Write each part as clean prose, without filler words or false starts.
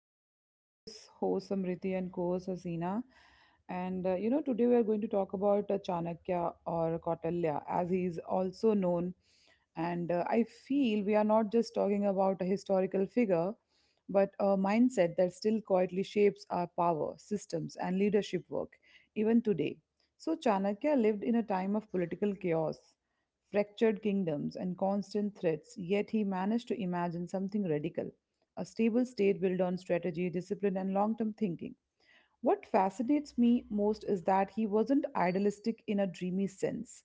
podcast with your host Samriti and co-host Hasina. Today we are going to talk about Chanakya or Kautilya, as he is also known. And I feel we are not just talking about a historical figure, but a mindset that still quietly shapes our power, systems, and leadership work, even today. So, Chanakya lived in a time of political chaos, fractured kingdoms, and constant threats, yet he managed to imagine something radical, a stable state built on strategy, discipline, and long term thinking. What fascinates me most is that he wasn't idealistic in a dreamy sense.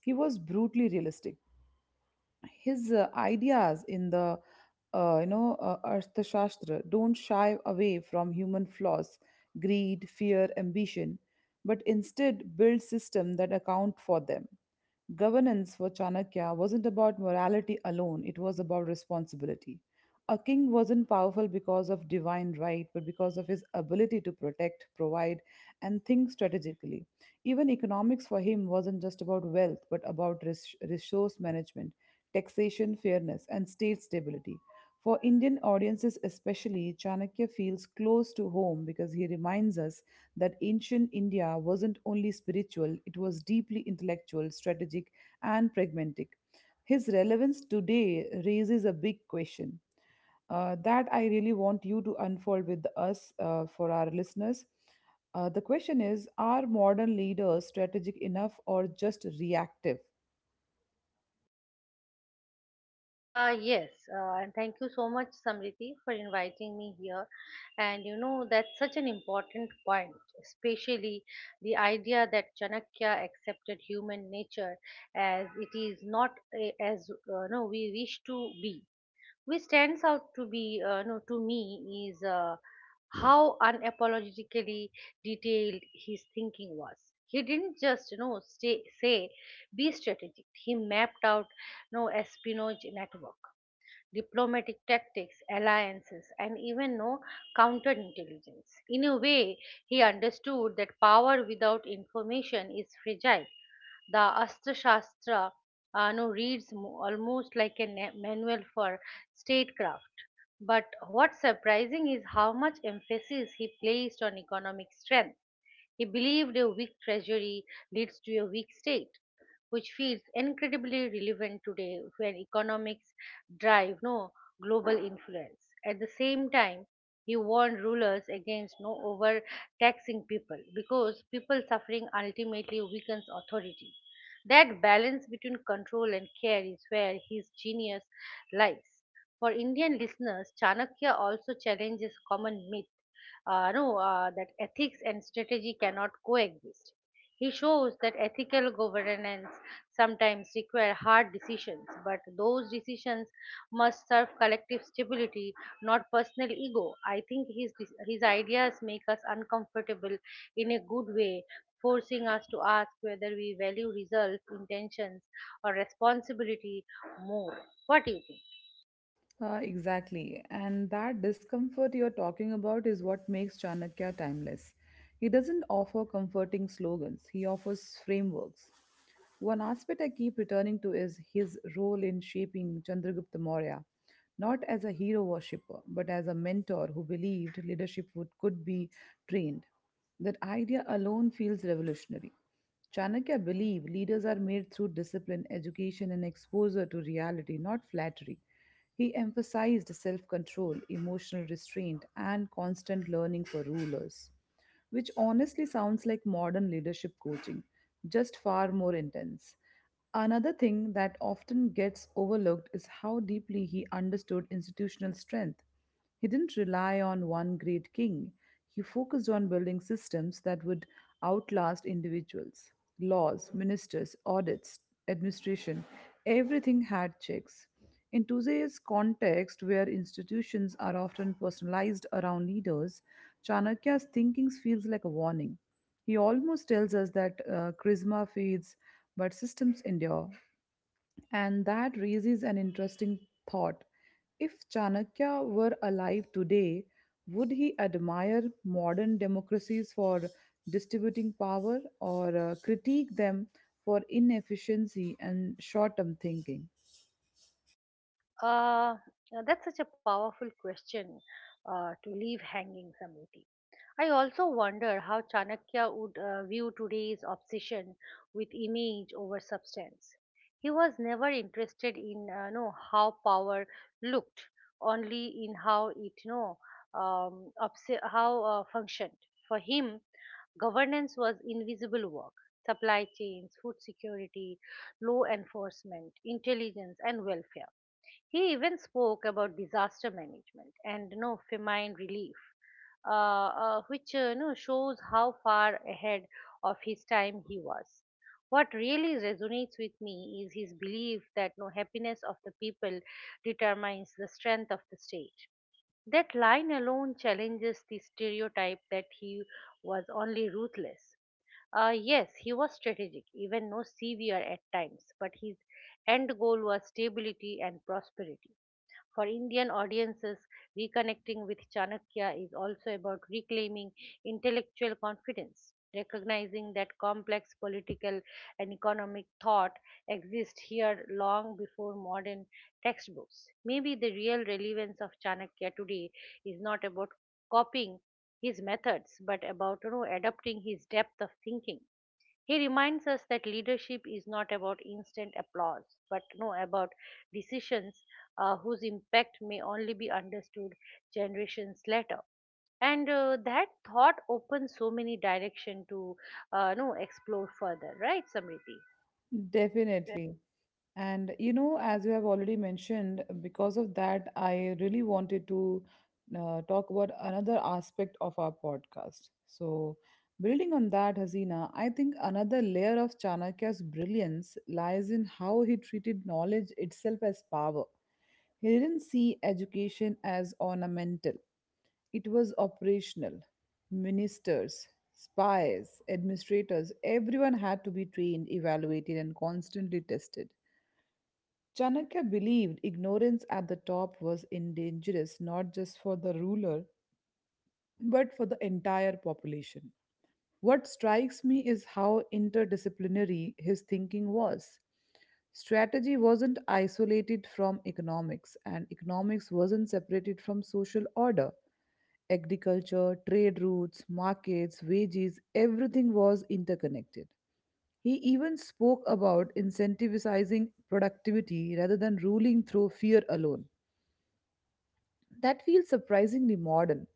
He was brutally realistic. His ideas in the Arthashastra don't shy away from human flaws, greed, fear, ambition, but instead build systems that account for them. Governance for Chanakya wasn't about morality alone, it was about responsibility. A king wasn't powerful because of divine right, but because of his ability to protect, provide, and think strategically. Even economics for him wasn't just about wealth, but about resource management, taxation, fairness, and state stability. For Indian audiences, especially, Chanakya feels close to home because he reminds us that ancient India wasn't only spiritual, it was deeply intellectual, strategic, and pragmatic. His relevance today raises a big question that I really want you to unfold with us for our listeners. The question is, are modern leaders strategic enough or just reactive? Yes, and thank you so much, Samriti, for inviting me here. And that's such an important point, especially the idea that Chanakya accepted human nature as it is, not as no, we wish to be. Which stands out to be, no, to me, is how unapologetically detailed his thinking was. He didn't just, say, be strategic. He mapped out, no, espionage network, diplomatic tactics, alliances, and even no counterintelligence. In a way, he understood that power without information is fragile. The Astra Shastra no, reads almost like a manual for statecraft. But what's surprising is how much emphasis he placed on economic strength. He believed a weak treasury leads to a weak state, which feels incredibly relevant today when economics drive no global influence. At the same time, he warned rulers against no overtaxing people, because people suffering ultimately weakens authority. That balance between control and care is where his genius lies. For indian listeners, chanakya also challenges common myth no, that ethics and strategy cannot coexist. He shows that ethical governance sometimes require hard decisions, but those decisions must serve collective stability, not personal ego. I think his ideas make us uncomfortable in a good way, forcing us to ask whether we value results, intentions, or responsibility more. What do you think? Exactly. And that discomfort you're talking about is what makes Chanakya timeless. He doesn't offer comforting slogans, he offers frameworks. One aspect I keep returning to is his role in shaping Chandragupta Maurya, not as a hero worshipper, but as a mentor who believed leadership would, could be trained. That idea alone feels revolutionary. Chanakya believed leaders are made through discipline, education, and exposure to reality, not flattery. He emphasized self control, emotional restraint, and constant learning for rulers, which honestly sounds like modern leadership coaching, just far more intense. Another thing that often gets overlooked is how deeply he understood institutional strength. He didn't rely on one great king. He focused on building systems that would outlast individuals. Laws, ministers, audits, administration, everything had checks. In today's context, where institutions are often personalized around leaders, Chanakya's thinking feels like a warning. He almost tells us that charisma fades, but systems endure. And that raises an interesting thought. If Chanakya were alive today, would he admire modern democracies for distributing power or critique them for inefficiency and short term thinking? Uh, Now that's such a powerful question to leave hanging, Samriti. I also wonder how Chanakya would view today's obsession with image over substance. He was never interested in know how power looked, only in how it you know obs- how functioned. For him, governance was invisible work. Supply chains, food security, law enforcement, intelligence, and welfare. He even spoke about disaster management and, famine relief, which shows how far ahead of his time he was. What really resonates with me is his belief that no happiness of the people determines the strength of the state. That line alone challenges the stereotype that he was only ruthless. Yes, he was strategic, even no severe at times, but his end goal was stability and prosperity. For Indian audiences, reconnecting with Chanakya is also about reclaiming intellectual confidence, recognizing that complex political and economic thought exists here long before modern textbooks. Maybe the real relevance of Chanakya today is not about copying his methods, but about adapting his depth of thinking. He reminds us that leadership is not about instant applause, but no, about decisions whose impact may only be understood generations later. And that thought opens so many direction to no explore further, right, Samriti? Definitely. And you know, as you have already mentioned, because of that, I really wanted to talk about another aspect of our podcast. So, building on that, Hasina, I think another layer of Chanakya's brilliance lies in how he treated knowledge itself as power. He didn't see education as ornamental, it was operational. Ministers, spies, administrators, everyone had to be trained, evaluated, and constantly tested. Chanakya believed ignorance at the top was dangerous, not just for the ruler but for the entire population. What strikes me is how interdisciplinary his thinking was. Strategy wasn't isolated from economics, and economics wasn't separated from social order. Agriculture, trade routes, markets, wages, everything was interconnected. He even spoke about incentivizing productivity rather than ruling through fear alone. That feels surprisingly modern.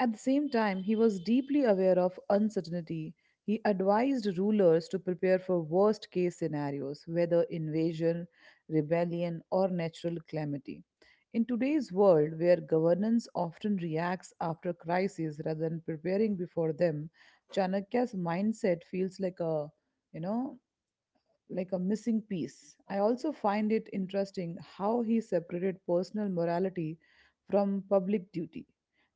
At the same time, he was deeply aware of uncertainty. He advised rulers to prepare for worst case scenarios, whether invasion, rebellion, or natural calamity. In today's world, where governance often reacts after crises rather than preparing before them, Chanakya's mindset feels like a, you know, like a missing piece. I also find it interesting how he separated personal morality from public duty.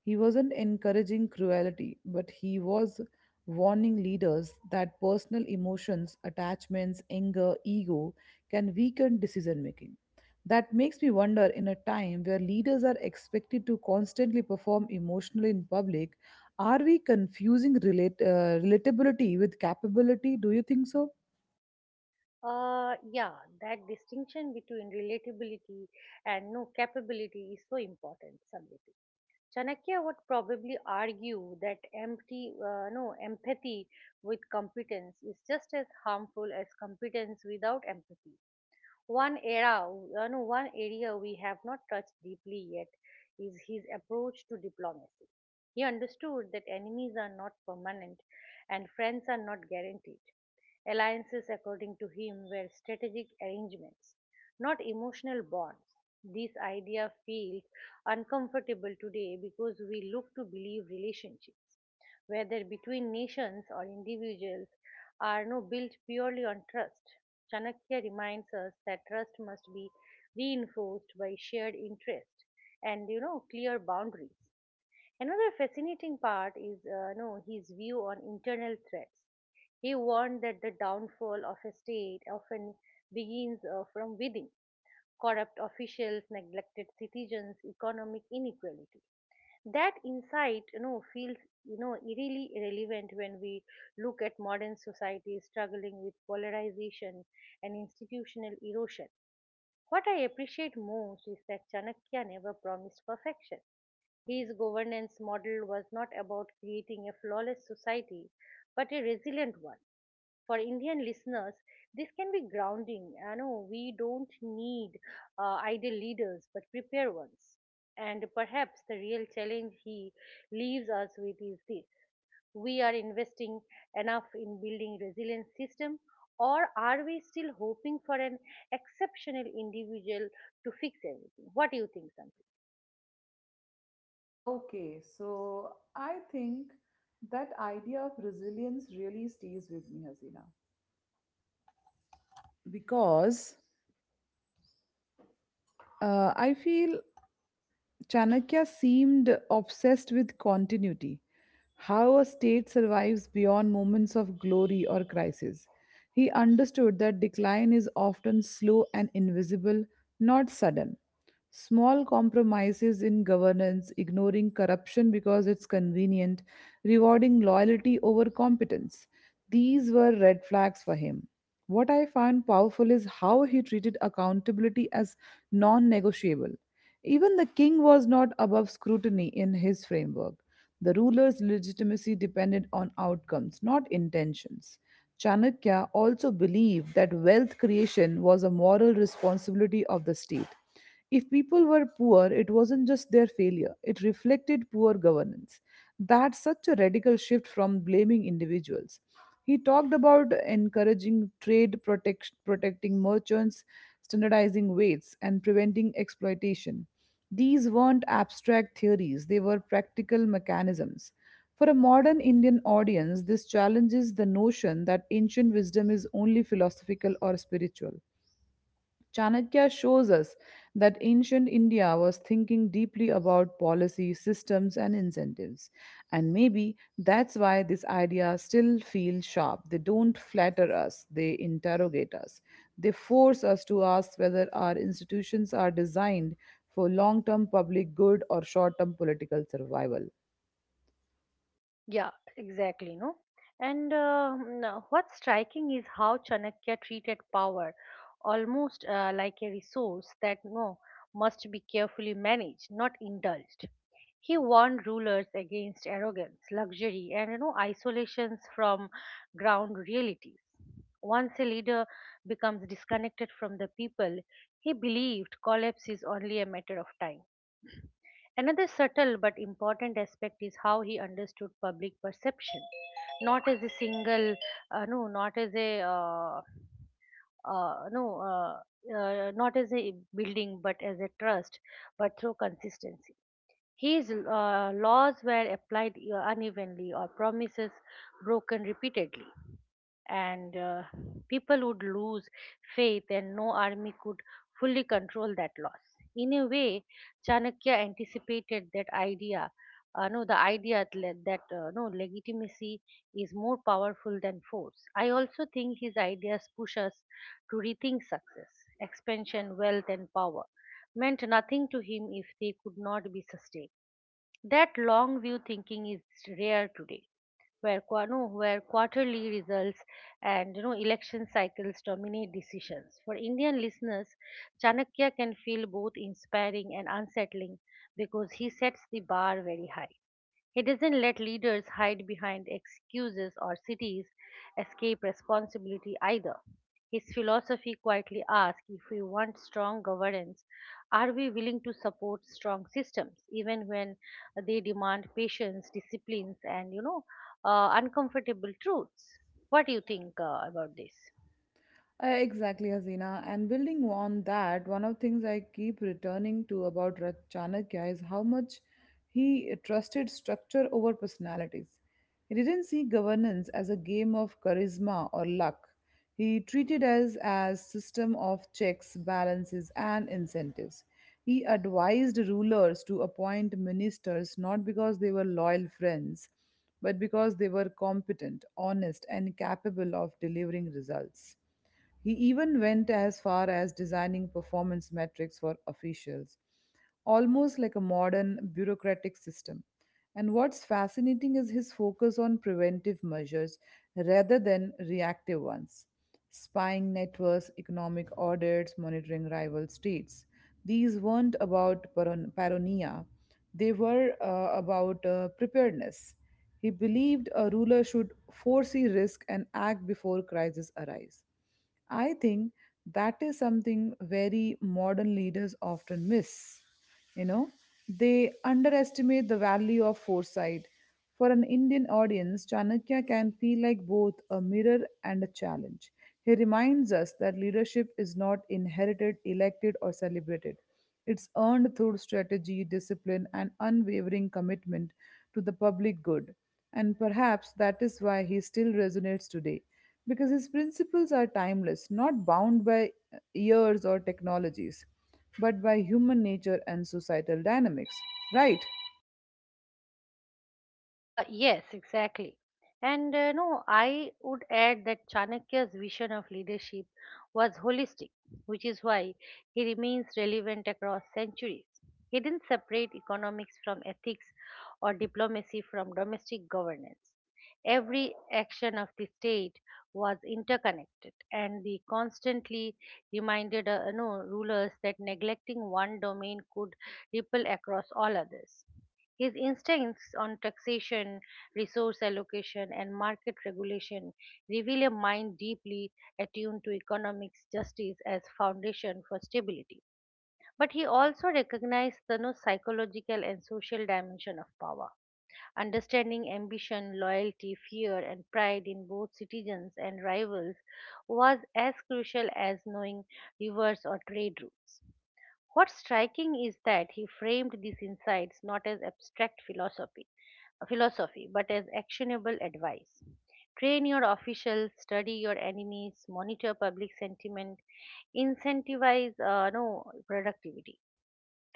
He wasn't encouraging cruelty, but he was warning leaders that personal emotions, attachments, anger, ego can weaken decision making. That makes me wonder, in a time where leaders are expected to constantly perform emotionally in public, are we confusing relatability with capability? Do you think so? Yeah, that distinction between relatability and no capability is so important, Samriti. Chanakya would probably argue that empty, no, empathy with competence is just as harmful as competence without empathy. One era, no, One area we have not touched deeply yet is his approach to diplomacy. He understood that enemies are not permanent and friends are not guaranteed. Alliances, according to him, were strategic arrangements, not emotional bonds. This idea feels uncomfortable today because we look to believe relationships, whether between nations or individuals, are no built purely on trust. Chanakya reminds us that trust must be reinforced by shared interest and clear boundaries. Another fascinating part is no his view on internal threats. He warned that the downfall of a state often begins from within: corrupt officials, neglected citizens, economic inequality. That insight feels really relevant when we look at modern society struggling with polarization and institutional erosion. What I appreciate most is that Chanakya never promised perfection. His governance model was not about creating a flawless society, but a resilient one. For Indian listeners, this can be grounding. I know we don't need ideal leaders, but prepare ones. And perhaps the real challenge he leaves us with is this: we are investing enough in building resilient system, or are we still hoping for an exceptional individual to fix everything? What do you think? Okay, so I think that idea of resilience really stays with me, Hasina, because I feel Chanakya seemed obsessed with continuity, how a state survives beyond moments of glory or crisis. He understood that decline is often slow and invisible, not sudden. Small compromises in governance, ignoring corruption because it's convenient, rewarding loyalty over competence. These were red flags for him. What I found powerful is how he treated accountability as non negotiable. Even the king was not above scrutiny in his framework. The ruler's legitimacy depended on outcomes, not intentions. Chanakya also believed that wealth creation was a moral responsibility of the state. If people were poor, it wasn't just their failure, it reflected poor governance. That's such a radical shift from blaming individuals. He talked about encouraging trade, protecting merchants, standardizing weights, and preventing exploitation. These weren't abstract theories, they were practical mechanisms. For a modern Indian audience, this challenges the notion that ancient wisdom is only philosophical or spiritual. Chanakya shows us that ancient India was thinking deeply about policy, systems, and incentives. And maybe that's why these ideas still feel sharp. They don't flatter us, they interrogate us. They force us to ask whether our institutions are designed for long term public good or short term political survival. Yeah, exactly, no? And what's striking is how Chanakya treated power almost like a resource that no must be carefully managed, not indulged. He warned rulers against arrogance, luxury, and isolations from ground realities. Once a leader becomes disconnected from the people, he believed collapse is only a matter of time. Another subtle but important aspect is how he understood public perception, not as a single, uh, no, not as a, uh, no, not as a building, but as a trust, but through consistency. His laws were applied unevenly, or promises broken repeatedly, and people would lose faith, and no army could fully control that loss. In a way, Chanakya anticipated that idea. No, The idea that that, no legitimacy is more powerful than force. I also think his ideas push us to rethink success. Expansion, wealth, and power meant nothing to him if they could not be sustained. That long view thinking is rare today, where qua- no, where quarterly results and election cycles dominate decisions. For Indian listeners, Chanakya can feel both inspiring and unsettling because he sets the bar very high. He doesn't let leaders hide behind excuses or cities escape responsibility either. His philosophy quietly asks, if we want strong governance, are we willing to support strong systems, even when they demand patience, disciplines, and uncomfortable truths. What do you think about this? Exactly, Azina. And building on that, one of the things I keep returning to about Chanakya is how much he trusted structure over personalities. He didn't see governance as a game of charisma or luck. He treated us as system of checks, balances, and incentives. He advised rulers to appoint ministers not because they were loyal friends, but because they were competent, honest, and capable of delivering results. He even went as far as designing performance metrics for officials, almost like a modern bureaucratic system. And what's fascinating is his focus on preventive measures rather than reactive ones. Spying networks, economic audits, monitoring rival states. These weren't about paranoia, they were about preparedness. He believed a ruler should foresee risk and act before crises arise. I think that is something very modern leaders often miss. You know, they underestimate the value of foresight. For an Indian audience, Chanakya can feel like both a mirror and a challenge. He reminds us that leadership is not inherited, elected, or celebrated. It's earned through strategy, discipline, and unwavering commitment to the public good. And perhaps that is why he still resonates today, because his principles are timeless, not bound by years or technologies, but by human nature and societal dynamics. Right? Yes, exactly. And no, I would add that Chanakya's vision of leadership was holistic, which is why he remains relevant across centuries. He didn't separate economics from ethics, or diplomacy from domestic governance. Every action of the state was interconnected, and he constantly reminded no, rulers that neglecting one domain could ripple across all others. His instincts on taxation, resource allocation, and market regulation reveal a mind deeply attuned to economic justice as foundation for stability. But he also recognized the no, psychological and social dimension of power. Understanding ambition, loyalty, fear, and pride in both citizens and rivals was as crucial as knowing rivers or trade routes. What's striking is that he framed these insights not as abstract philosophy, but as actionable advice. Train your officials, study your enemies, monitor public sentiment, incentivize no productivity,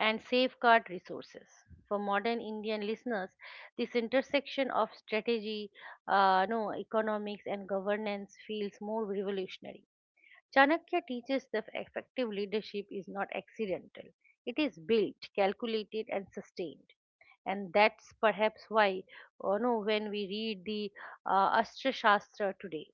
and safeguard resources. For modern Indian listeners, this intersection of strategy, no economics, and governance feels more revolutionary. Chanakya teaches that effective leadership is not accidental, it is built, calculated, and sustained. And that's perhaps why, when we read the Astra Shastra today,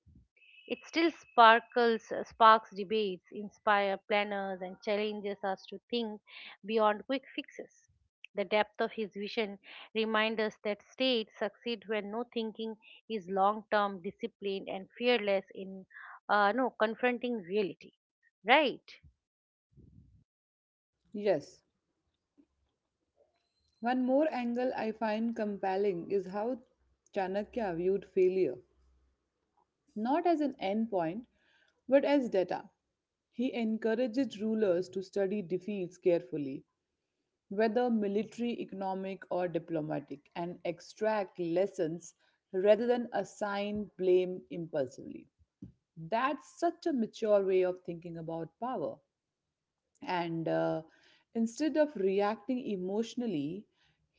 it still sparks debates, inspire planners, and challenges us to think beyond quick fixes. The depth of his vision reminds us that states succeed when no thinking is long-term, disciplined, and fearless in no confronting reality. Right? Yes. One more angle I find compelling is how Chanakya viewed failure, not as an end point, but as data. He encourages rulers to study defeats carefully, whether military, economic, or diplomatic, and extract lessons rather than assign blame impulsively. That's such a mature way of thinking about power. And instead of reacting emotionally,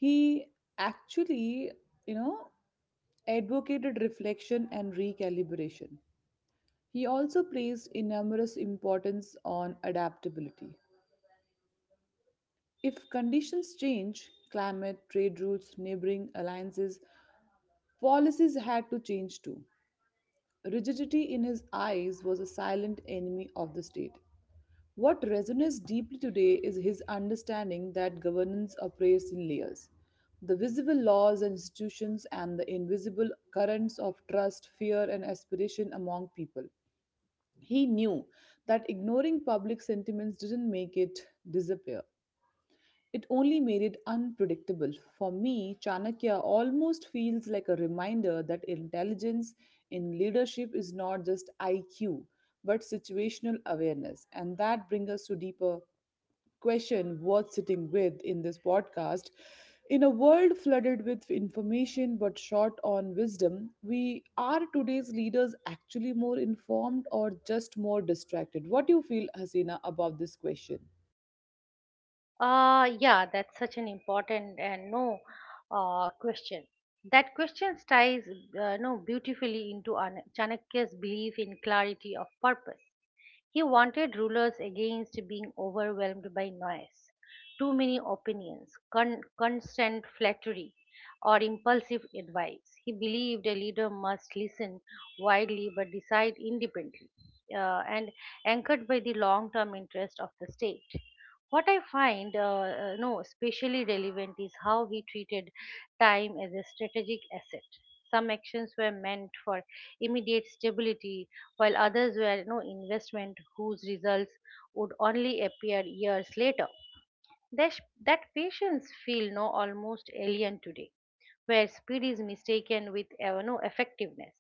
he actually, you know, advocated reflection and recalibration. He also placed enormous importance on adaptability. If conditions change, climate, trade routes, neighboring alliances, policies had to change too. Rigidity in his eyes was a silent enemy of the state. What resonates deeply today is his understanding that governance operates in layers, the visible laws and institutions, and the invisible currents of trust, fear, and aspiration among people. He knew that ignoring public sentiments didn't make it disappear. It only made it unpredictable. For me, Chanakya almost feels like a reminder that intelligence in leadership is not just IQ, but situational awareness. And that brings us to deeper question worth sitting with in this podcast. In a world flooded with information but short on wisdom, we are today's leaders actually more informed or just more distracted? What do you feel, Hasina, about this question? Yeah, that's such an important and no question. That question ties no beautifully into Chanakya's belief in clarity of purpose. He wanted rulers against being overwhelmed by noise, too many opinions, constant flattery, or impulsive advice. He believed a leader must listen widely but decide independently, and anchored by the long term interest of the state. What I find, no, especially relevant is how he treated time as a strategic asset. Some actions were meant for immediate stability, while others were, investment whose results would only appear years later. That, that patients feel no almost alien today, where speed is mistaken with no effectiveness.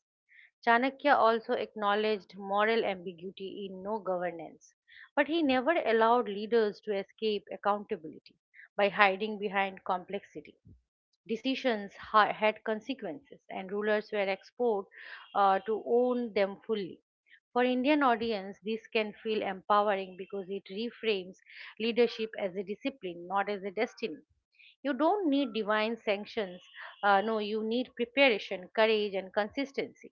Chanakya also acknowledged moral ambiguity in governance, but he never allowed leaders to escape accountability by hiding behind complexity. Decisions had consequences, and rulers were exposed to own them fully. For Indian audience, this can feel empowering because it reframes leadership as a discipline, not as a destiny. You don't need divine sanctions. No, You need preparation, courage, and consistency.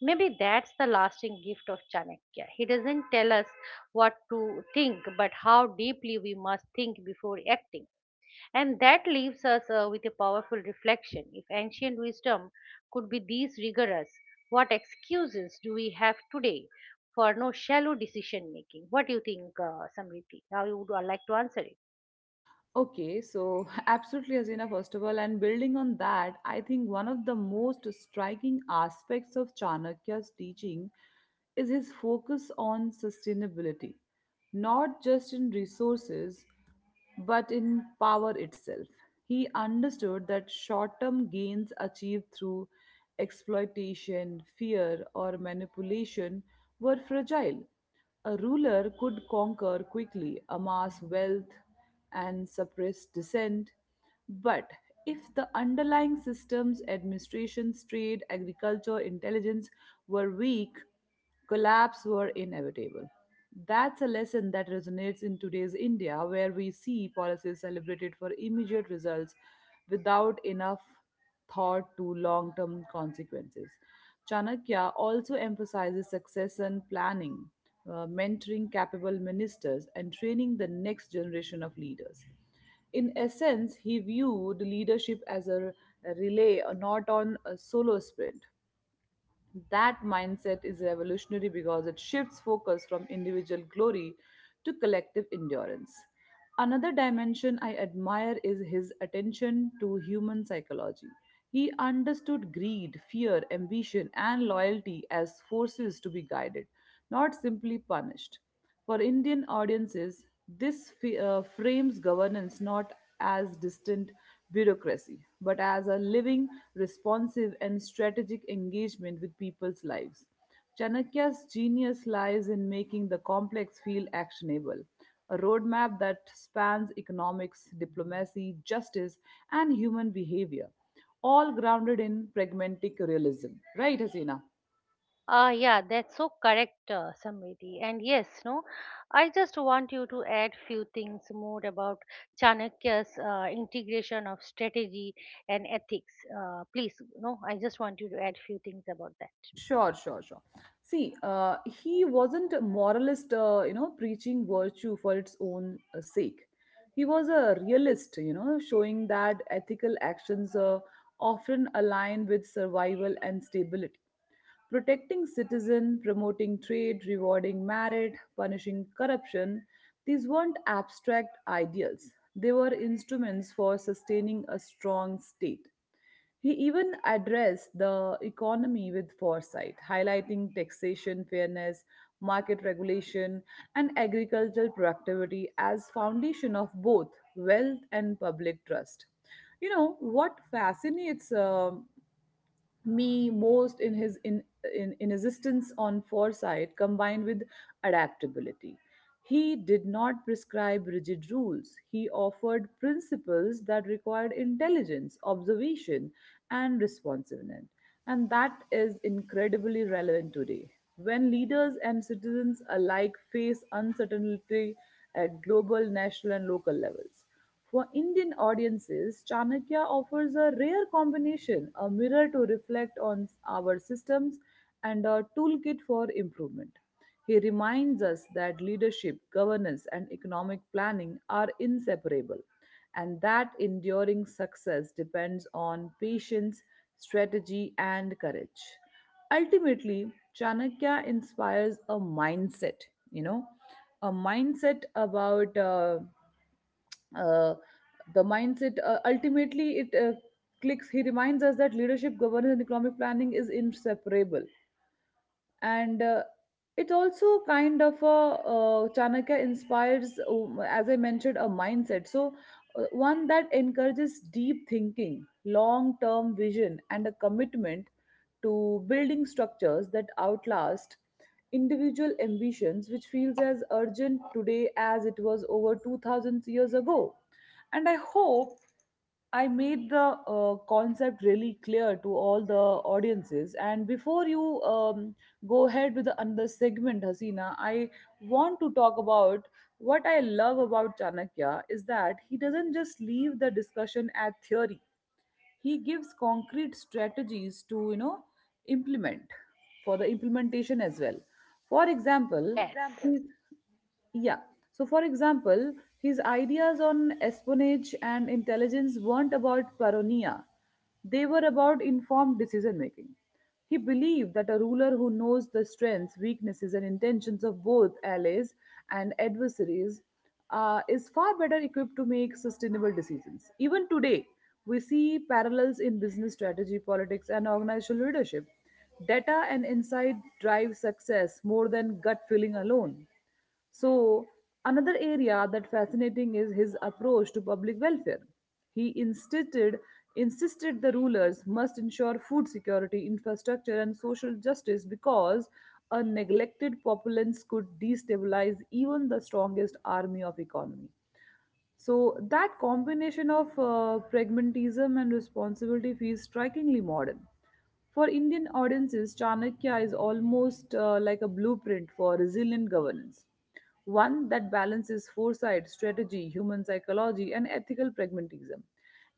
Maybe that's the lasting gift of Chanakya. He doesn't tell us what to think, but how deeply we must think before acting. And that leaves us with a powerful reflection. If ancient wisdom could be these rigorous, what excuses do we have today for no shallow decision making? What do you think, Samriti? How you would like to answer it? Okay, so absolutely, Hasina, first of all, and building on that, I think one of the most striking aspects of Chanakya's teaching is his focus on sustainability, not just in resources, but in power itself. He understood that short term gains achieved through exploitation, fear, or manipulation were fragile. A ruler could conquer quickly, amass wealth, and suppress dissent. But if the underlying systems, administrations, trade, agriculture, intelligence were weak, collapse were inevitable. That's a lesson that resonates in today's India, where we see policies celebrated for immediate results without enough thought to long term consequences. Chanakya also emphasizes succession planning, mentoring capable ministers, and training the next generation of leaders. In essence, he viewed leadership as a relay, not on a solo sprint. That mindset is revolutionary because it shifts focus from individual glory to collective endurance. Another dimension I admire is his attention to human psychology. He understood greed, fear, ambition, and loyalty as forces to be guided, not simply punished. For Indian audiences, this frames governance not as distant bureaucracy, but as a living, responsive, and strategic engagement with people's lives. Chanakya's genius lies in making the complex feel actionable, a roadmap that spans economics, diplomacy, justice, and human behavior, all grounded in pragmatic realism. Right, Hasina? Ah, yeah, that's so correct, Samriti. And yes, no, I just want you to add few things more about Chanakya's integration of strategy and ethics. Please, no, I just want you to add few things about that. Sure, sure, sure. See, he wasn't a moralist, preaching virtue for its own sake. He was a realist, you know, showing that ethical actions often align with survival and stability. Protecting citizen, promoting trade, rewarding merit, punishing corruption, these weren't abstract ideals. They were instruments for sustaining a strong state. He even addressed the economy with foresight, highlighting taxation fairness, market regulation, and agricultural productivity as foundation of both wealth and public trust. You know what fascinates me most in his insistence on foresight combined with adaptability. He did not prescribe rigid rules. He offered principles that required intelligence, observation, and responsiveness. And that is incredibly relevant today, when leaders and citizens alike face uncertainty at global, national, and local levels. For Indian audiences, Chanakya offers a rare combination, a mirror to reflect on our systems and a toolkit for improvement. He reminds us that leadership, governance, and economic planning are inseparable, and that enduring success depends on patience, strategy, and courage. Ultimately, Chanakya inspires a mindset, you know, a mindset about uh, the mindset ultimately it clicks. He reminds us that leadership, governance, and economic planning is inseparable, and it also kind of a Chanakya inspires, as I mentioned, a mindset. So one that encourages deep thinking, long term vision, and a commitment to building structures that outlast individual ambitions, which feels as urgent today as it was over 2,000 years ago. And I hope I made the concept really clear to all the audiences. And before you go ahead with the another segment, Hasina, I want to talk about what I love about Chanakya is that he doesn't just leave the discussion at theory. He gives concrete strategies to implement, for the implementation as well. For For example, yes, example, he yeah. So, for example, his ideas on espionage and intelligence weren't about paranoia, they were about informed decision making. He believed that a ruler who knows the strengths, weaknesses, and intentions of both allies and adversaries is far better equipped to make sustainable decisions. Even today, we see parallels in business strategy, politics, and organizational leadership. Data and insight drive success more than gut feeling alone. So, another area that fascinating is his approach to public welfare. He insisted the rulers must ensure food security, infrastructure, and social justice, because a neglected populace could destabilize even the strongest army of economy. So that combination of pragmatism and responsibility feels strikingly modern. For Indian audiences, Chanakya is almost like a blueprint for resilient governance, one that balances foresight, strategy, human psychology, and ethical pragmatism.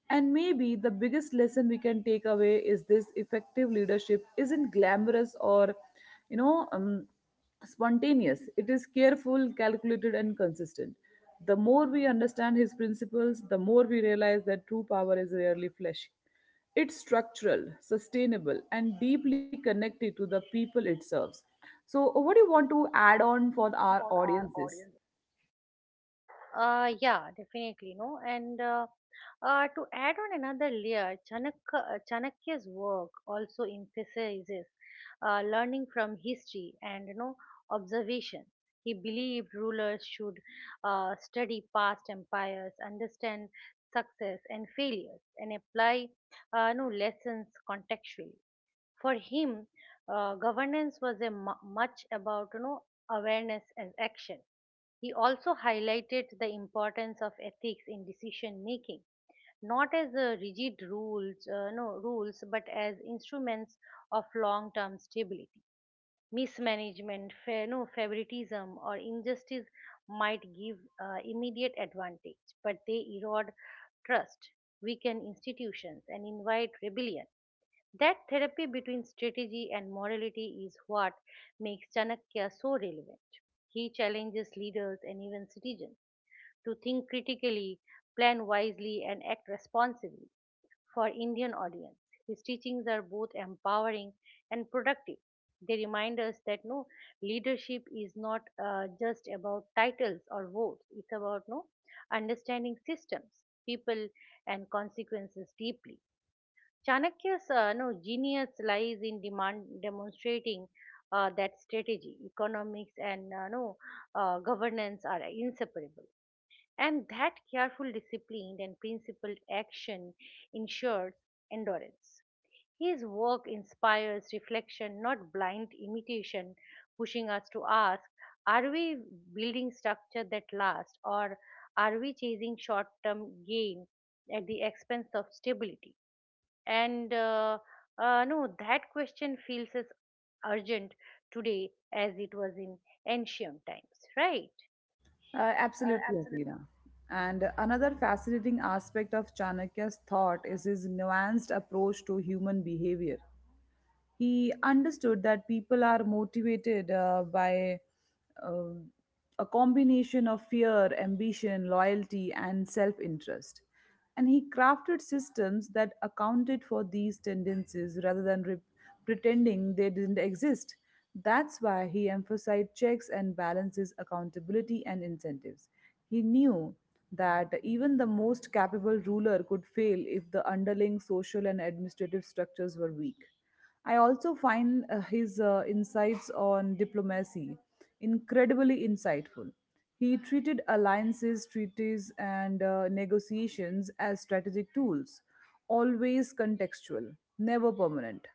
And maybe the biggest lesson we can take away is this: effective leadership isn't glamorous or, you know, um, spontaneous. It is careful, calculated, and consistent. The more we understand his principles, the more we realize that true power is rarely flashy. It's structural, sustainable, and deeply connected to the people it serves. So what do you want to add on for on our for our audiences? audience? Yeah, definitely, no. And to add on another layer, Chanakya's work also emphasizes learning from history and observation. He believed rulers should study past empires, understand success and failures, and apply no lessons contextually for him, governance was much about awareness and action. He also highlighted the importance of ethics in decision making, not as a rigid rules no rules but as instruments of long term stability. Mismanagement, fair, no favoritism or injustice might give immediate advantage, but they erode trust, weaken institutions and invite rebellion. That therapy between strategy and morality is what makes Chanakya so relevant. He challenges leaders and even citizens to think critically, plan wisely, and act responsibly. For Indian audience, his teachings are both empowering and productive. They remind us that leadership is not just about titles or votes. It's about no understanding systems, people, and consequences deeply. Chanakya's no, genius lies in demand demonstrating that strategy, economics, and no, governance are inseparable. And that careful, disciplined, and principled action ensures endurance. His work inspires reflection, not blind imitation, pushing us to ask, are we building structure that lasts, or are we chasing short term gain at the expense of stability? And no, That question feels as urgent today as it was in ancient times, right? Absolutely, Athena. And another fascinating aspect of Chanakya's thought is his nuanced approach to human behavior. He understood that people are motivated by uh, a combination of fear, ambition, loyalty, and self interest. And he crafted systems that accounted for these tendencies rather than pretending they didn't exist. That's why he emphasized checks and balances, accountability, and incentives. He knew that even the most capable ruler could fail if the underlying social and administrative structures were weak. I also find his insights on diplomacy incredibly insightful. He treated alliances, treaties, and negotiations as strategic tools, always contextual, never permanent.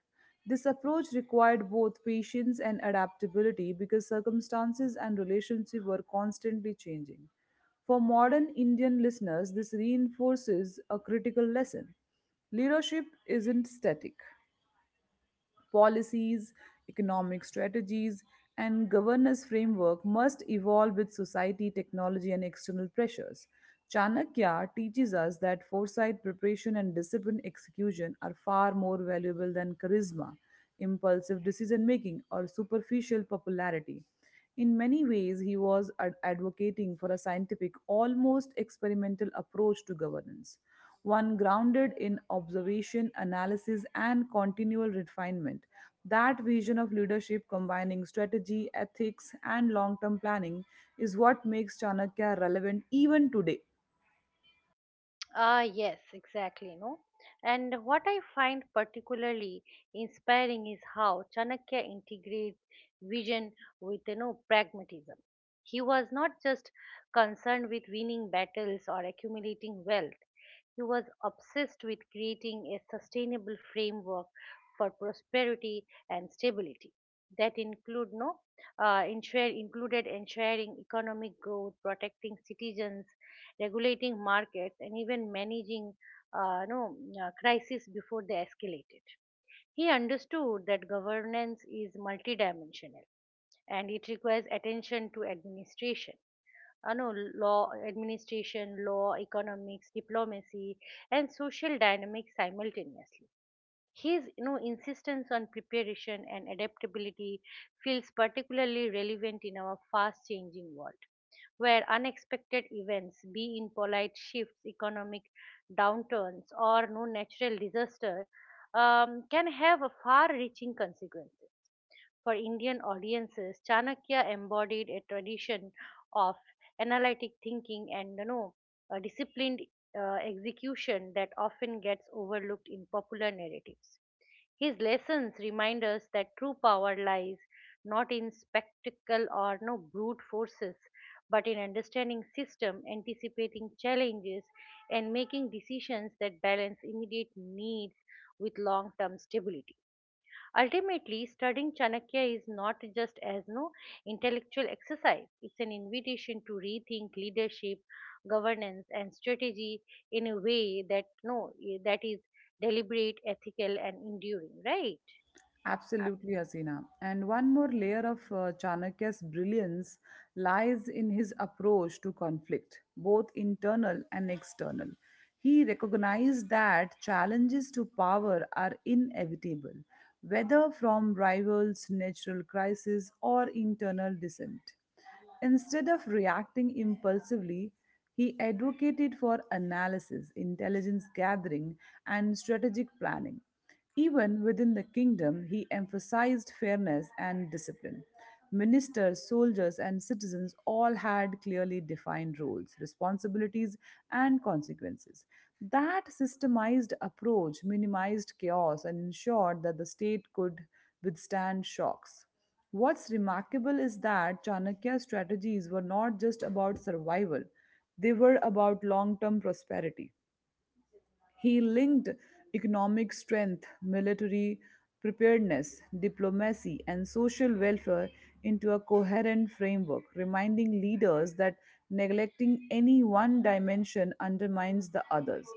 This approach required both patience and adaptability because circumstances and relationships were constantly changing. For modern Indian listeners, this reinforces a critical lesson: leadership isn't static. Policies, economic strategies, and governance framework must evolve with society, technology, and external pressures. Chanakya teaches us that foresight, preparation, and disciplined execution are far more valuable than charisma, impulsive decision making, or superficial popularity. In many ways, he was advocating for a scientific, almost experimental approach to governance, one grounded in observation, analysis, and continual refinement. That vision of leadership combining strategy, ethics, and long term planning is what makes Chanakya relevant even today. Ah, yes, exactly. No, And what I find particularly inspiring is how Chanakya integrates vision with pragmatism. He was not just concerned with winning battles or accumulating wealth. He was obsessed with creating a sustainable framework for prosperity and stability that include no ensure, included ensuring economic growth, protecting citizens, regulating markets, and even managing no, crises before they escalated. He understood that governance is multidimensional and it requires attention to administration. No, law, Administration, law, economics, diplomacy, and social dynamics simultaneously. His insistence on preparation and adaptability feels particularly relevant in our fast changing world, where unexpected events, be in polite shifts, economic downturns, or no natural disaster, can have a far-reaching consequences. For Indian audiences, Chanakya embodied a tradition of analytic thinking and a disciplined execution that often gets overlooked in popular narratives. His lessons remind us that true power lies not in spectacle or no brute forces, but in understanding system, anticipating challenges, and making decisions that balance immediate needs with long-term stability. Ultimately, studying Chanakya is not just as no intellectual exercise; it's an invitation to rethink leadership, governance, and strategy in a way that no that is deliberate, ethical, and enduring. Right? Absolutely, Hasina. And one more layer of Chanakya's brilliance lies in his approach to conflict, both internal and external. He recognized that challenges to power are inevitable, whether from rivals, natural crises, or internal dissent. Instead of reacting impulsively, he advocated for analysis, intelligence gathering, and strategic planning. Even within the kingdom, he emphasized fairness and discipline. Ministers, soldiers, and citizens all had clearly defined roles, responsibilities, and consequences. That systemized approach minimized chaos and ensured that the state could withstand shocks. What's remarkable is that Chanakya's strategies were not just about survival, they were about long term prosperity. He linked economic strength, military preparedness, diplomacy, and social welfare into a coherent framework, reminding leaders that neglecting any one dimension undermines the others.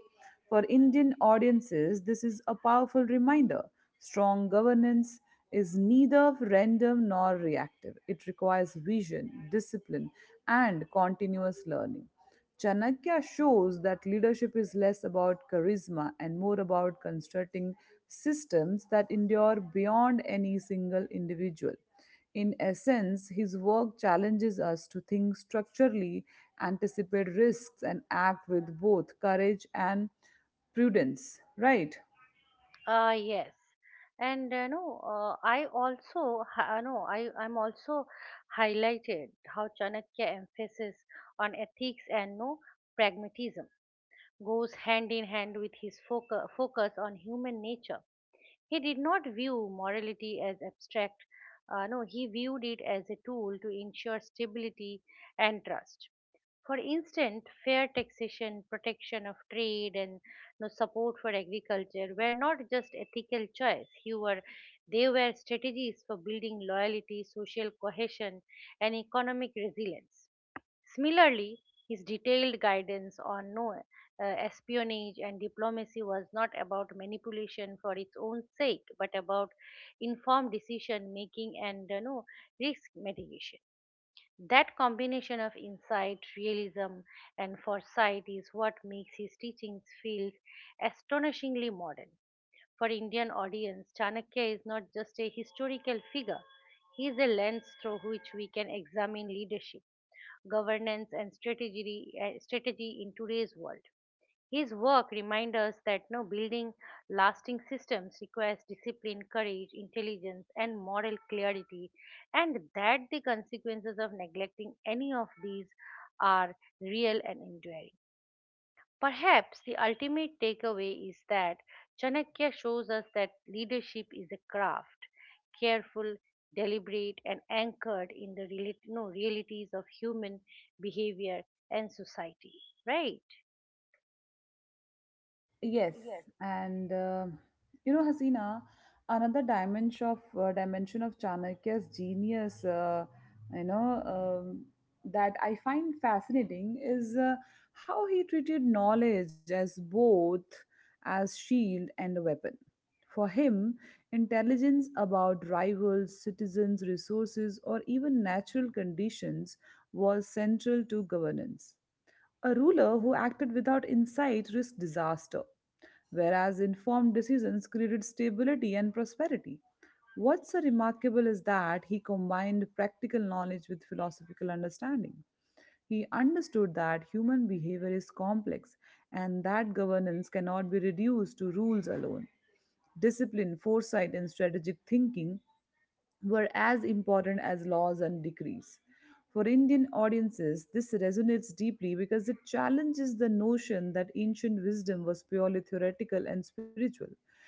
For Indian audiences, this is a powerful reminder. Strong governance is neither random nor reactive, it requires vision, discipline, and continuous learning. Chanakya shows that leadership is less about charisma and more about constructing systems that endure beyond any single individual. In essence, his work challenges us to think structurally, anticipate risks, and act with both courage and prudence, right? Yes, and I also, ha- no, I I'm also highlighted how Chanakya emphasis on ethics and no pragmatism goes hand in hand with his focus on human nature. He did not view morality as abstract. No, He viewed it as a tool to ensure stability and trust. For instance, fair taxation, protection of trade, and support for agriculture were not just ethical choice. They were strategies for building loyalty, social cohesion, and economic resilience. Similarly, his detailed guidance on no espionage and diplomacy was not about manipulation for its own sake, but about informed decision making and risk mitigation. That combination of insight, realism, and foresight is what makes his teachings feel astonishingly modern. For Indian audience, Chanakya is not just a historical figure, he is a lens through which we can examine leadership, governance, and strategy, in today's world. His work reminds us that no building lasting systems requires discipline, courage, intelligence, and moral clarity, and that the consequences of neglecting any of these are real and enduring. Perhaps the ultimate takeaway is that Chanakya shows us that leadership is a craft, careful, deliberate, and anchored in the reali- no, realities of human behavior and society. Right? Yes, and you know, Hasina, another dimension of Chanakya's genius, you know, um, that I find fascinating is how he treated knowledge as both as shield and a weapon. For him, intelligence about rivals, citizens, resources, or even natural conditions was central to governance. A ruler who acted without insight risked disaster, whereas informed decisions created stability and prosperity. What's so remarkable is that he combined practical knowledge with philosophical understanding. He understood that human behavior is complex and that governance cannot be reduced to rules alone. Discipline, foresight, and strategic thinking were as important as laws and decrees. For Indian audiences, this resonates deeply because it challenges the notion that ancient wisdom was purely theoretical and spiritual.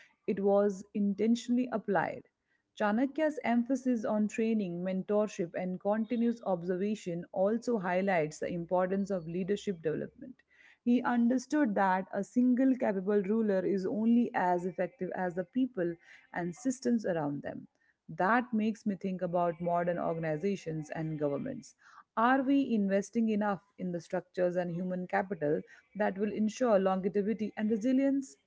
It was intentionally applied. Chanakya's emphasis on training, mentorship, and continuous observation also highlights the importance of leadership development. He understood that a single capable ruler is only as effective as the people and systems around them. That makes me think about modern organizations and governments. Are we investing enough in the structures and human capital that will ensure longevity and resilience?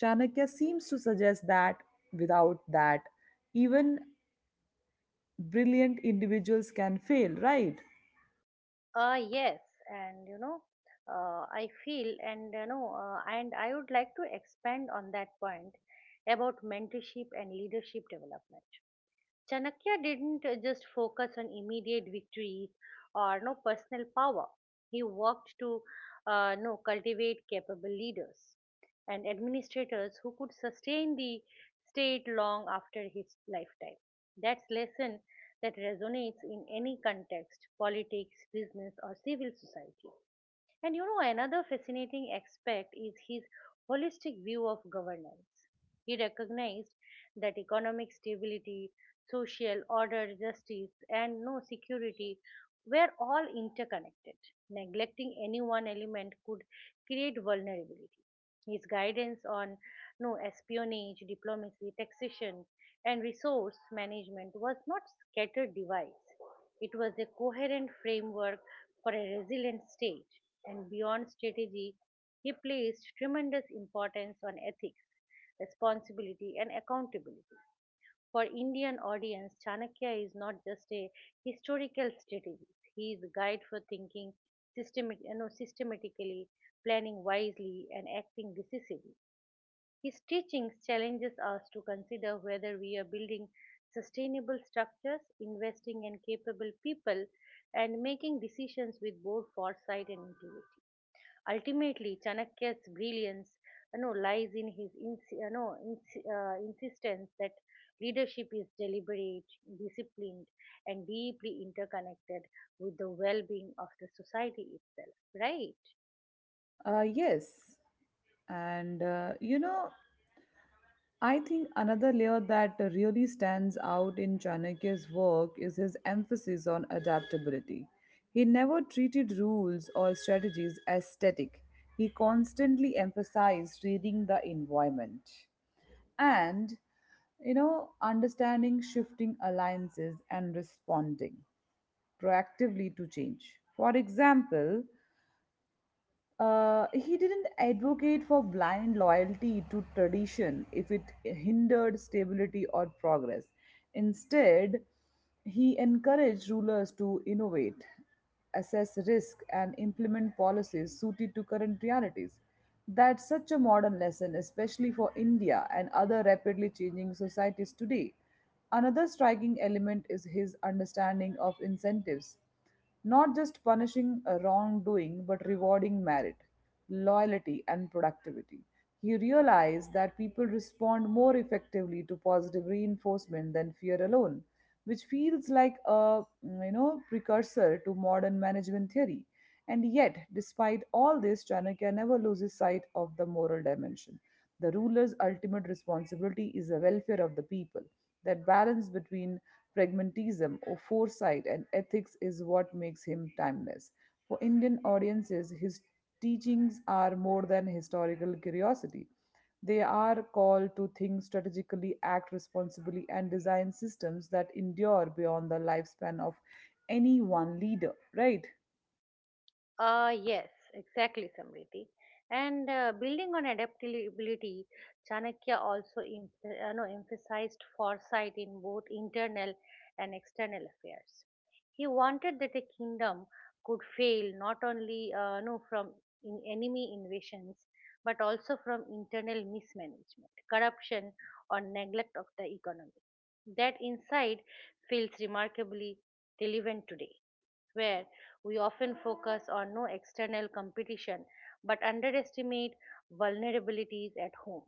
Chanakya seems to suggest that without that, even brilliant individuals can fail, right? Yes, and I feel, and and I would like to expand on that point about mentorship and leadership development. Chanakya didn't just focus on immediate victories or no personal power. He worked to no cultivate capable leaders and administrators who could sustain the state long after his lifetime. That's lesson that resonates in any context, politics, business, or civil society. And another fascinating aspect is his holistic view of governance. He recognized that economic stability, social order, justice, and no security were all interconnected. Neglecting any one element could create vulnerability. His guidance on no espionage, diplomacy, taxation, and resource management was not scattered device. It was a coherent framework for a resilient state. And beyond strategy, he placed tremendous importance on ethics, responsibility, and accountability. For Indian audience, Chanakya is not just a historical strategist. He is a guide for thinking systematically, planning wisely, and acting decisively. His teachings challenges us to consider whether we are building sustainable structures, investing in capable people, and making decisions with both foresight and integrity. Ultimately, Chanakya's brilliance lies in his insistence that leadership is deliberate, disciplined, and deeply interconnected with the well being of the society itself, right? Yes. And you know, I think another layer that really stands out in Chanakya's work is his emphasis on adaptability. He never treated rules or strategies as static. He constantly emphasized reading the environment and, you know, understanding shifting alliances and responding proactively to change. For example, he didn't advocate for blind loyalty to tradition if it hindered stability or progress. Instead, he encouraged rulers to innovate, assess risk, and implement policies suited to current realities. That's such a modern lesson, especially for India and other rapidly changing societies today. Another striking element is his understanding of incentives. Not just punishing a wrongdoing, but rewarding merit, loyalty, and productivity. He realized that people respond more effectively to positive reinforcement than fear alone, which feels like a you know, precursor to modern management theory. And yet, despite all this, Chanakya never loses sight of the moral dimension. The ruler's ultimate responsibility is the welfare of the people. That balance between pragmatism or foresight and ethics is what makes him timeless. For Indian audiences, his teachings are more than historical curiosity. They are called to think strategically, act responsibly, and design systems that endure beyond the lifespan of any one leader, right? Yes, exactly, Samriti. And building on adaptability, Chanakya also em- no, emphasized foresight in both internal and external affairs. He wanted that a kingdom could fail not only no, from in enemy invasions, but also from internal mismanagement, corruption, or neglect of the economy. That insight feels remarkably relevant today, where we often focus on no external competition but underestimate vulnerabilities at home.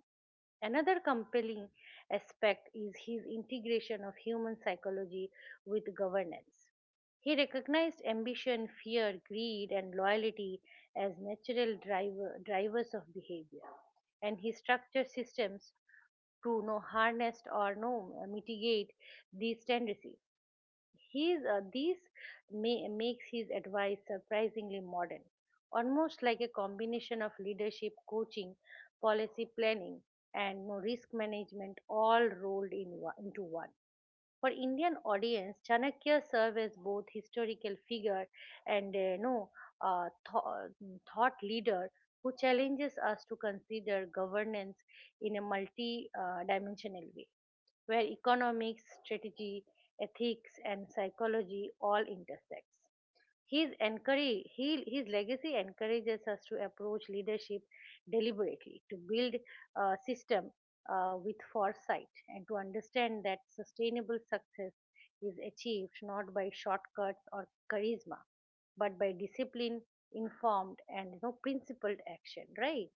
Another compelling aspect is his integration of human psychology with governance. He recognized ambition, fear, greed, and loyalty as drivers of behavior, and he structured systems to harness or no mitigate these tendencies. His these may makes his advice surprisingly modern, almost like a combination of leadership, coaching, policy planning, and risk management all rolled into one. For Indian audience, Chanakya serves as both historical figure and uh, th- thought leader who challenges us to consider governance in a multi-dimensional way where economics, strategy, ethics, and psychology all intersect. His legacy encourages us to approach leadership deliberately, to build a system with foresight, and to understand that sustainable success is achieved not by shortcuts or charisma, but by discipline, informed, and principled action, right?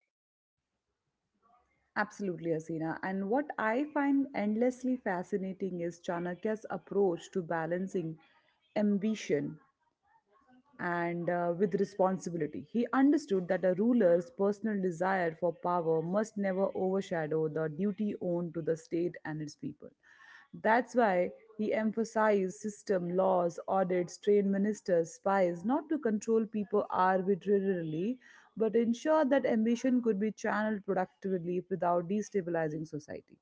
Absolutely, Asina. And what I find endlessly fascinating is Chanakya's approach to balancing ambition and with responsibility. He understood that a ruler's personal desire for power must never overshadow the duty owed to the state and its people. That's why he emphasized system, laws, audits, trained ministers, spies, not to control people arbitrarily, but ensure that ambition could be channeled productively without destabilizing society.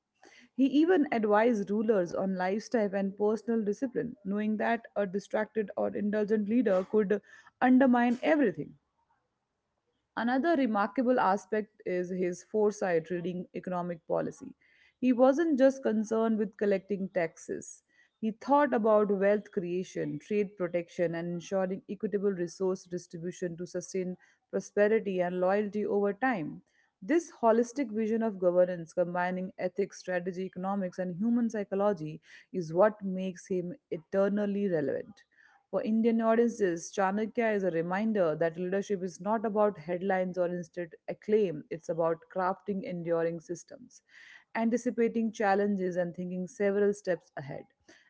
He even advised rulers on lifestyle and personal discipline, knowing that a distracted or indulgent leader could undermine everything. Another remarkable aspect is his foresight reading economic policy. He wasn't just concerned with collecting taxes. He thought about wealth creation, trade protection, and ensuring equitable resource distribution to sustain prosperity and loyalty over time. This holistic vision of governance, combining ethics, strategy, economics, and human psychology, is what makes him eternally relevant. For Indian audiences, Chanakya is a reminder that leadership is not about headlines or instant acclaim, it's about crafting enduring systems, anticipating challenges, and thinking several steps ahead.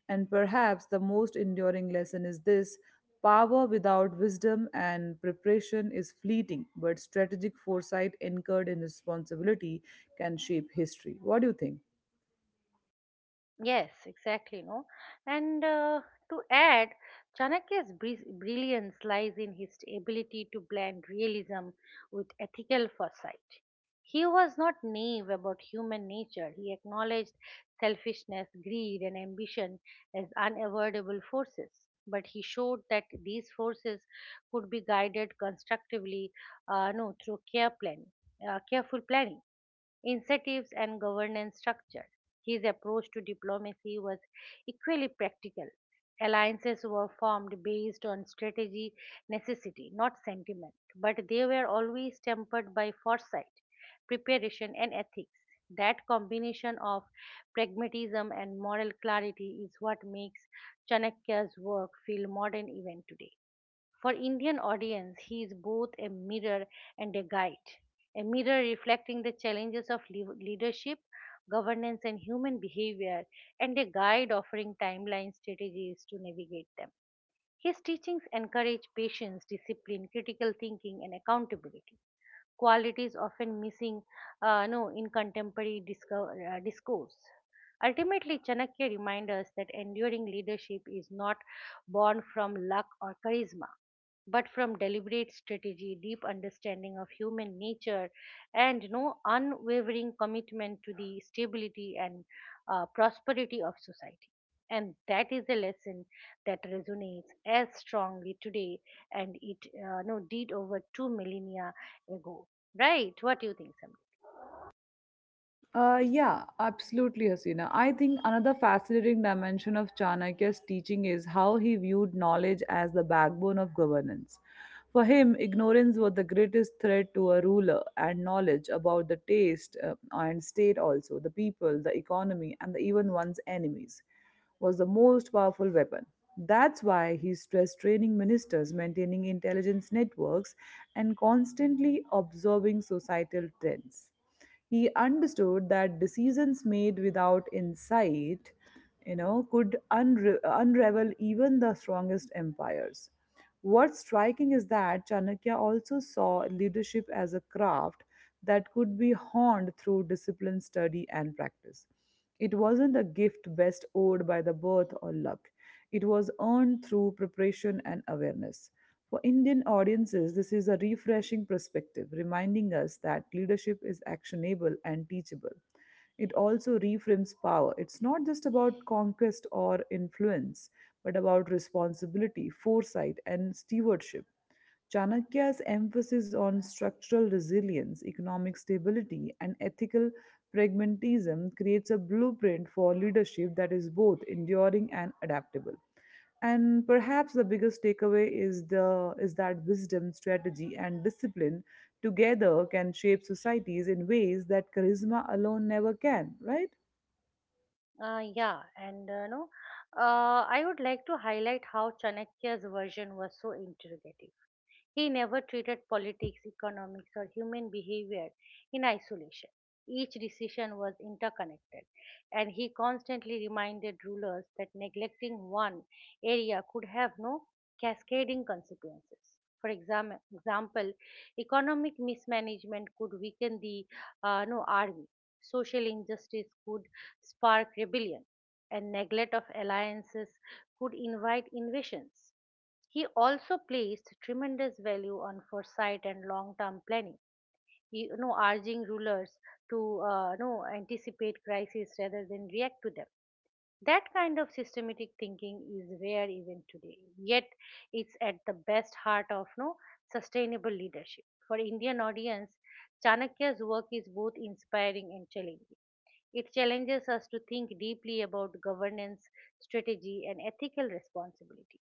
And perhaps the most enduring lesson is this: power without wisdom and preparation is fleeting, but strategic foresight anchored in responsibility can shape history. What do you think? Yes, exactly. no. And to add, Chanakya's brilliance lies in his ability to blend realism with ethical foresight. He was not naive about human nature. He acknowledged selfishness, greed, and ambition as unavoidable forces. But he showed that these forces could be guided constructively, no, through care planning, careful planning, incentives and governance structures. His approach to diplomacy was equally practical. Alliances were formed based on strategy necessity, not sentiment, but they were always tempered by foresight, preparation, and ethics. That combination of pragmatism and moral clarity is what makes Chanakya's work feel modern even today. For Indian audience, he is both a mirror and a guide. A mirror reflecting the challenges of leadership, governance, and human behavior, and a guide offering timeline strategies to navigate them. His teachings encourage patience, discipline, critical thinking, and accountability qualities often missing no, in contemporary discourse. Ultimately, Chanakya reminds us that enduring leadership is not born from luck or charisma, but from deliberate strategy, deep understanding of human nature, and no unwavering commitment to the stability and prosperity of society. And that is a lesson that resonates as strongly today and it no, did over two millennia ago. Right, what do you think, Sam? Yeah, absolutely, Hasina. I think another fascinating dimension of Chanakya's teaching is how he viewed knowledge as the backbone of governance. For him, ignorance was the greatest threat to a ruler, and knowledge about the taste and state, also the people, the economy, and the, even one's enemies, was the most powerful weapon. That's why he stressed training ministers, maintaining intelligence networks, and constantly observing societal trends. He understood that decisions made without insight, you know, could unravel even the strongest empires. What's striking is that Chanakya also saw leadership as a craft that could be honed through discipline, study, and practice. It wasn't a gift best owed by the birth or luck. It was earned through preparation and awareness. For Indian audiences, this is a refreshing perspective, reminding us that leadership is actionable and teachable. It also reframes power. It's not just about conquest or influence, but about responsibility, foresight, and stewardship. Chanakya's emphasis on structural resilience, economic stability, and ethical pragmatism creates a blueprint for leadership that is both enduring and adaptable. And perhaps the biggest takeaway is the is that wisdom, strategy, and discipline together can shape societies in ways that charisma alone never can, right? Yeah, and no, I would like to highlight how Chanakya's version was so interrogative. He never treated politics, economics, or human behavior in isolation. Each decision was interconnected, and he constantly reminded rulers that neglecting one area could have no cascading consequences. For example, economic mismanagement could weaken the no, army, social injustice could spark rebellion, and neglect of alliances could invite invasions. He also placed tremendous value on foresight and long-term planning, urging rulers to anticipate crises rather than react to them. That kind of systematic thinking is rare even today, yet it's at the best heart of no sustainable leadership. For Indian audience, Chanakya's work is both inspiring and challenging. It challenges us to think deeply about governance, strategy, and ethical responsibility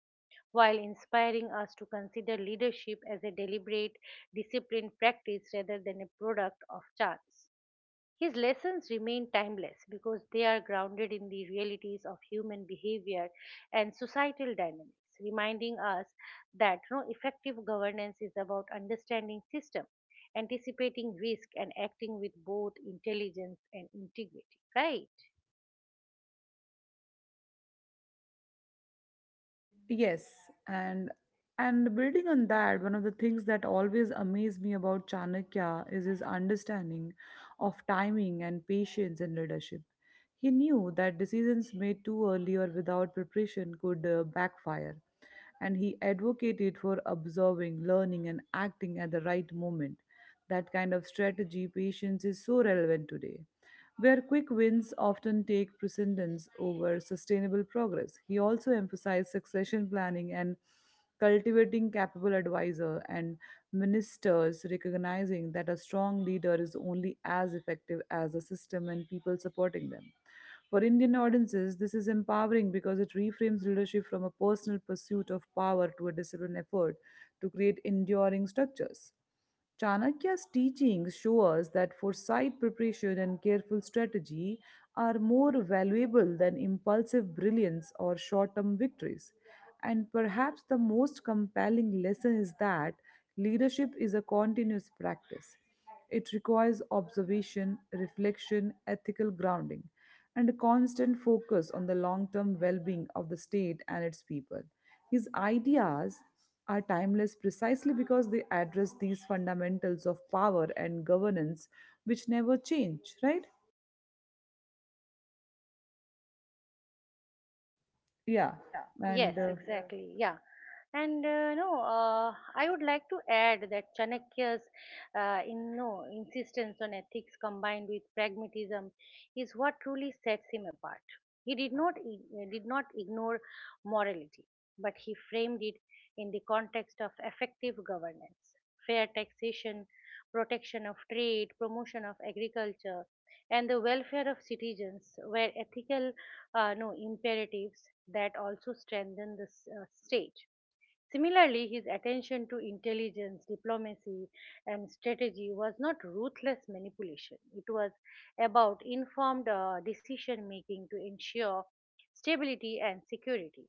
while inspiring us to consider leadership as a deliberate, disciplined practice rather than a product of chance. His lessons remain timeless because they are grounded in the realities of human behavior and societal dynamics, reminding us that no effective governance is about understanding system, anticipating risk, and acting with both intelligence and integrity. Right? Yes, and and building on that, one of the things that always amazed me about Chanakya is his understanding of timing and patience in leadership. He knew that decisions made too early or without preparation could backfire, and he advocated for observing, learning, and acting at the right moment. That kind of strategy, patience is so relevant today where quick wins often take precedence over sustainable progress. He also emphasized succession planning and cultivating capable advisor and ministers, recognizing that a strong leader is only as effective as the system and people supporting them. For Indian audiences, this is empowering because it reframes leadership from a personal pursuit of power to a disciplined effort to create enduring structures. Chanakya's teachings show us that foresight, preparation, and careful strategy are more valuable than impulsive brilliance or short term victories. And perhaps the most compelling lesson is that leadership is a continuous practice. It requires observation, reflection, ethical grounding, and a constant focus on the long term well being of the state and its people. His ideas are timeless precisely because they address these fundamentals of power and governance which never change, right? yeah Yeah, yes, and and exactly. Yeah. And no, I would like to add that Chanakya's in, no, insistence on ethics combined with pragmatism is what truly sets him apart. He did not ignore morality, but he framed it in the context of effective governance. Fair taxation, protection of trade, promotion of agriculture, and the welfare of citizens were ethical no imperatives that also strengthen the state. Similarly, his attention to intelligence, diplomacy, and strategy was not ruthless manipulation. It was about informed decision making to ensure stability and security.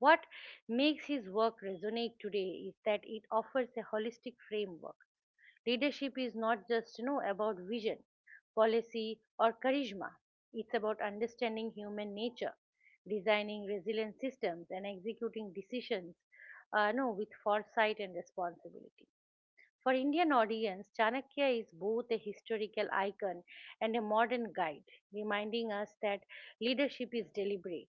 What makes his work resonate today is that it offers a holistic framework. Leadership is not just, about vision, policy, or charisma. It's about understanding human nature, designing resilient systems, and executing decisions, no, with foresight and responsibility. For Indian audience, Chanakya is both a historical icon and a modern guide, reminding us that leadership is deliberate,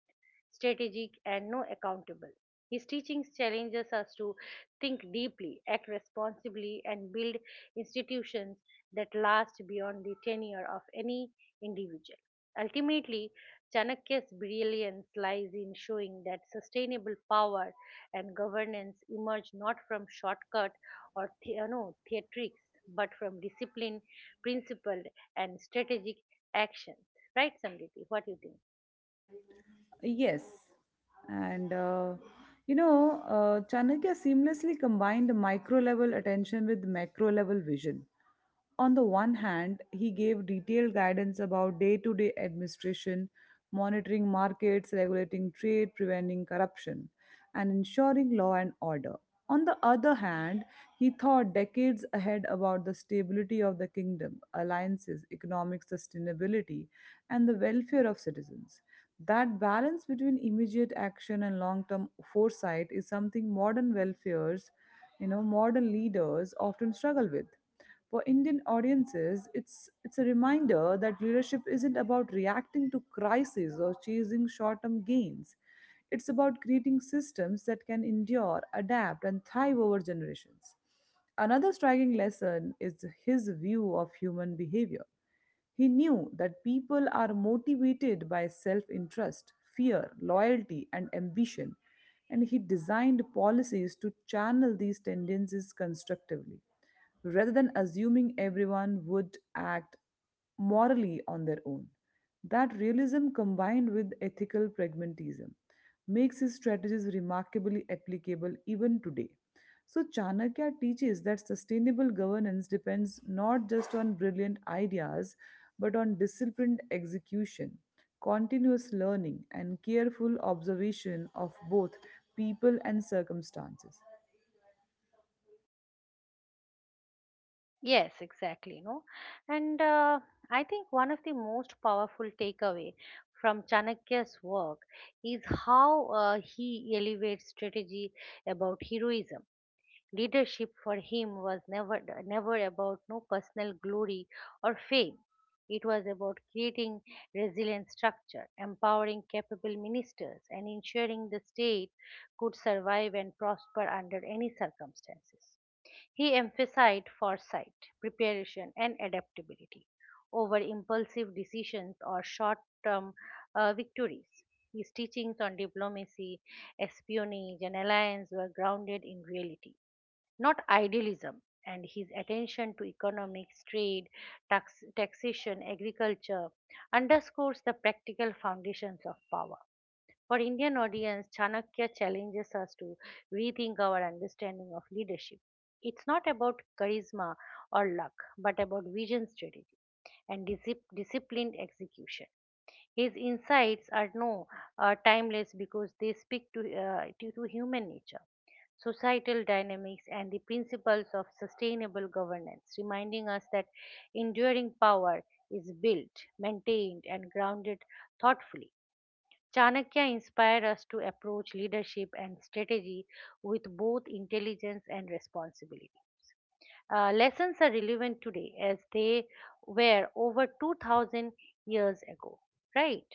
strategic and no accountable. His teachings challenges us to think deeply, act responsibly and build institutions that last beyond the tenure of any individual. Ultimately, Chanakya's brilliance lies in showing that sustainable power and governance emerge not from shortcuts or the, no, theatrics, but from discipline, principled, and strategic actions. Right, Samriti? What do you think? Yes. And, you know, Chanakya seamlessly combined micro level attention with macro level vision. On the one hand, he gave detailed guidance about day to day administration, monitoring markets, regulating trade, preventing corruption, and ensuring law and order. On the other hand, he thought decades ahead about the stability of the kingdom, alliances, economic sustainability, and the welfare of citizens. That balance between immediate action and long-term foresight is something modern welfares, you know, modern leaders often struggle with. For Indian audiences, it's a reminder that leadership isn't about reacting to crises or chasing short-term gains. It's about creating systems that can endure, adapt, and thrive over generations. Another striking lesson is his view of human behavior. He knew that people are motivated by self interest, fear, loyalty, and ambition, and he designed policies to channel these tendencies constructively, rather than assuming everyone would act morally on their own. That realism combined with ethical pragmatism makes his strategies remarkably applicable even today. So, Chanakya teaches that sustainable governance depends not just on brilliant ideas, but on disciplined execution, continuous learning, and careful observation of both people and circumstances. Yes, exactly. No, And I think one of the most powerful takeaway from Chanakya's work is how he elevates strategy about heroism. Leadership for him was never about no personal glory or fame. It was about creating resilient structure, empowering capable ministers, and ensuring the state could survive and prosper under any circumstances. He emphasized foresight, preparation, and adaptability over impulsive decisions or short term victories. His teachings on diplomacy, espionage, and alliance were grounded in reality not idealism, and his attention to economics, trade, taxation, agriculture underscores the practical foundations of power. For Indian audience, Chanakya challenges us to rethink our understanding of leadership. It's not about charisma or luck, but about vision strategy and disciplined execution. His insights are no timeless because they speak to, to human nature societal dynamics, and the principles of sustainable governance, reminding us that enduring power is built, maintained, and grounded thoughtfully. Chanakya inspired us to approach leadership and strategy with both intelligence and responsibility. Lessons are relevant today as they were over 2000 years ago, right?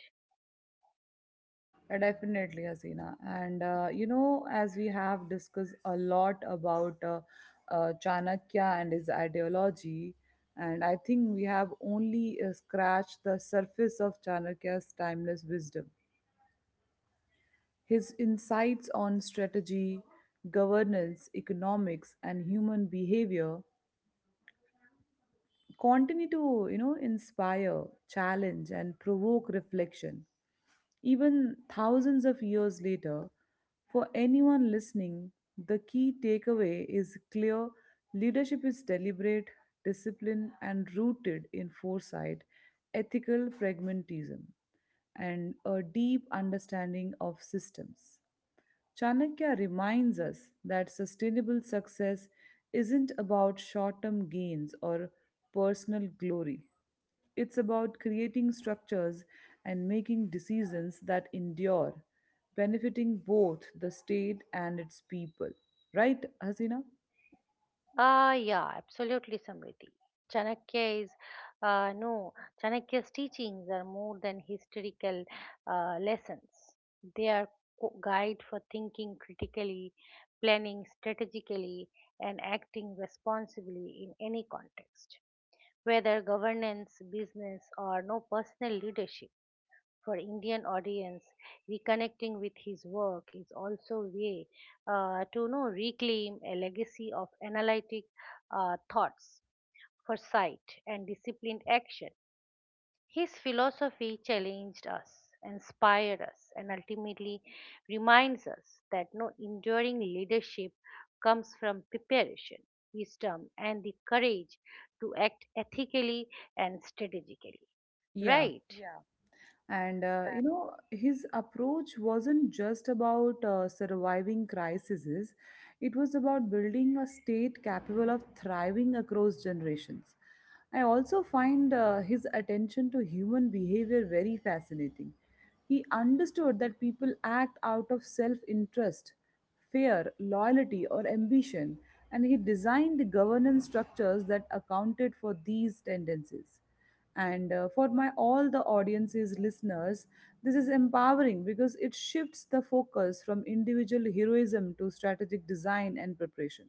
Yeah, definitely, Hasina. And you know, as we have discussed a lot about Chanakya and his ideology, and I think we have only scratched the surface of Chanakya's timeless wisdom. His insights on strategy, governance, economics, and human behavior continue to, you know, inspire, challenge, and provoke reflection. Even thousands of years later, for anyone listening, the key takeaway is clear: leadership is deliberate, disciplined, and rooted in foresight, ethical pragmatism, and a deep understanding of systems. Chanakya reminds us that sustainable success isn't about short term gains or personal glory. It's about creating structures and making decisions that endure, benefiting both the state and its people. Right, Hasina? Yeah, absolutely, Samriti. Chanakya is, no, Chanakya's teachings are more than historical lessons. They are guide for thinking critically, planning strategically, and acting responsibly in any context, whether governance, business, or no personal leadership for Indian audience, reconnecting with his work is also a way to reclaim a legacy of analytic thoughts, foresight, and disciplined action. His philosophy challenged us, inspired us, and ultimately reminds us that no enduring leadership comes from preparation, wisdom, and the courage to act ethically and strategically. Yeah. Right? And you know, his approach wasn't just about surviving crises, it was about building a state capable of thriving across generations. I also find his attention to human behavior very fascinating. He understood that people act out of self interest, fear, loyalty, or ambition, and he designed governance structures that accounted for these tendencies. And for my all the audiences listeners, this is empowering because it shifts the focus from individual heroism to strategic design and preparation.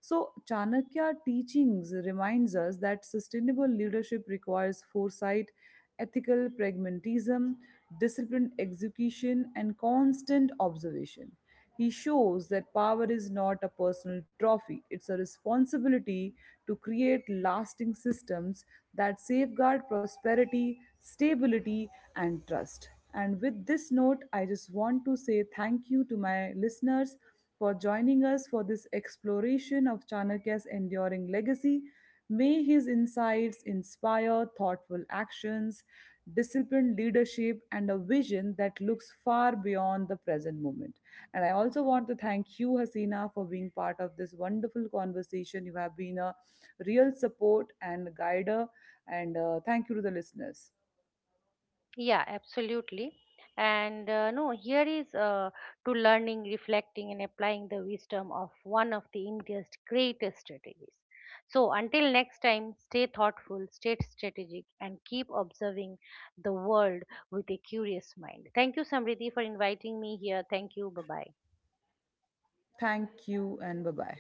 So Chanakya teachings reminds us that sustainable leadership requires foresight, ethical pragmatism, disciplined execution, and constant observation. He shows that power is not a personal trophy, it's a responsibility to create lasting systems that safeguard prosperity, stability, and trust. And with this note, I just want to say thank you to my listeners for joining us for this exploration of Chanakya's enduring legacy. May his insights inspire thoughtful actions, disciplined leadership, and a vision that looks far beyond the present moment. And I also want to thank you, Hasina, for being part of this wonderful conversation. You have been a real support and guider. And thank you to the listeners. Yeah, absolutely. And no, here is to learning, reflecting, and applying the wisdom of one of the India's greatest strategies. So, until next time, stay thoughtful, stay strategic, and keep observing the world with a curious mind. Thank you, Samriddhi, for inviting me here. Thank you. Bye bye. Thank you, and bye bye.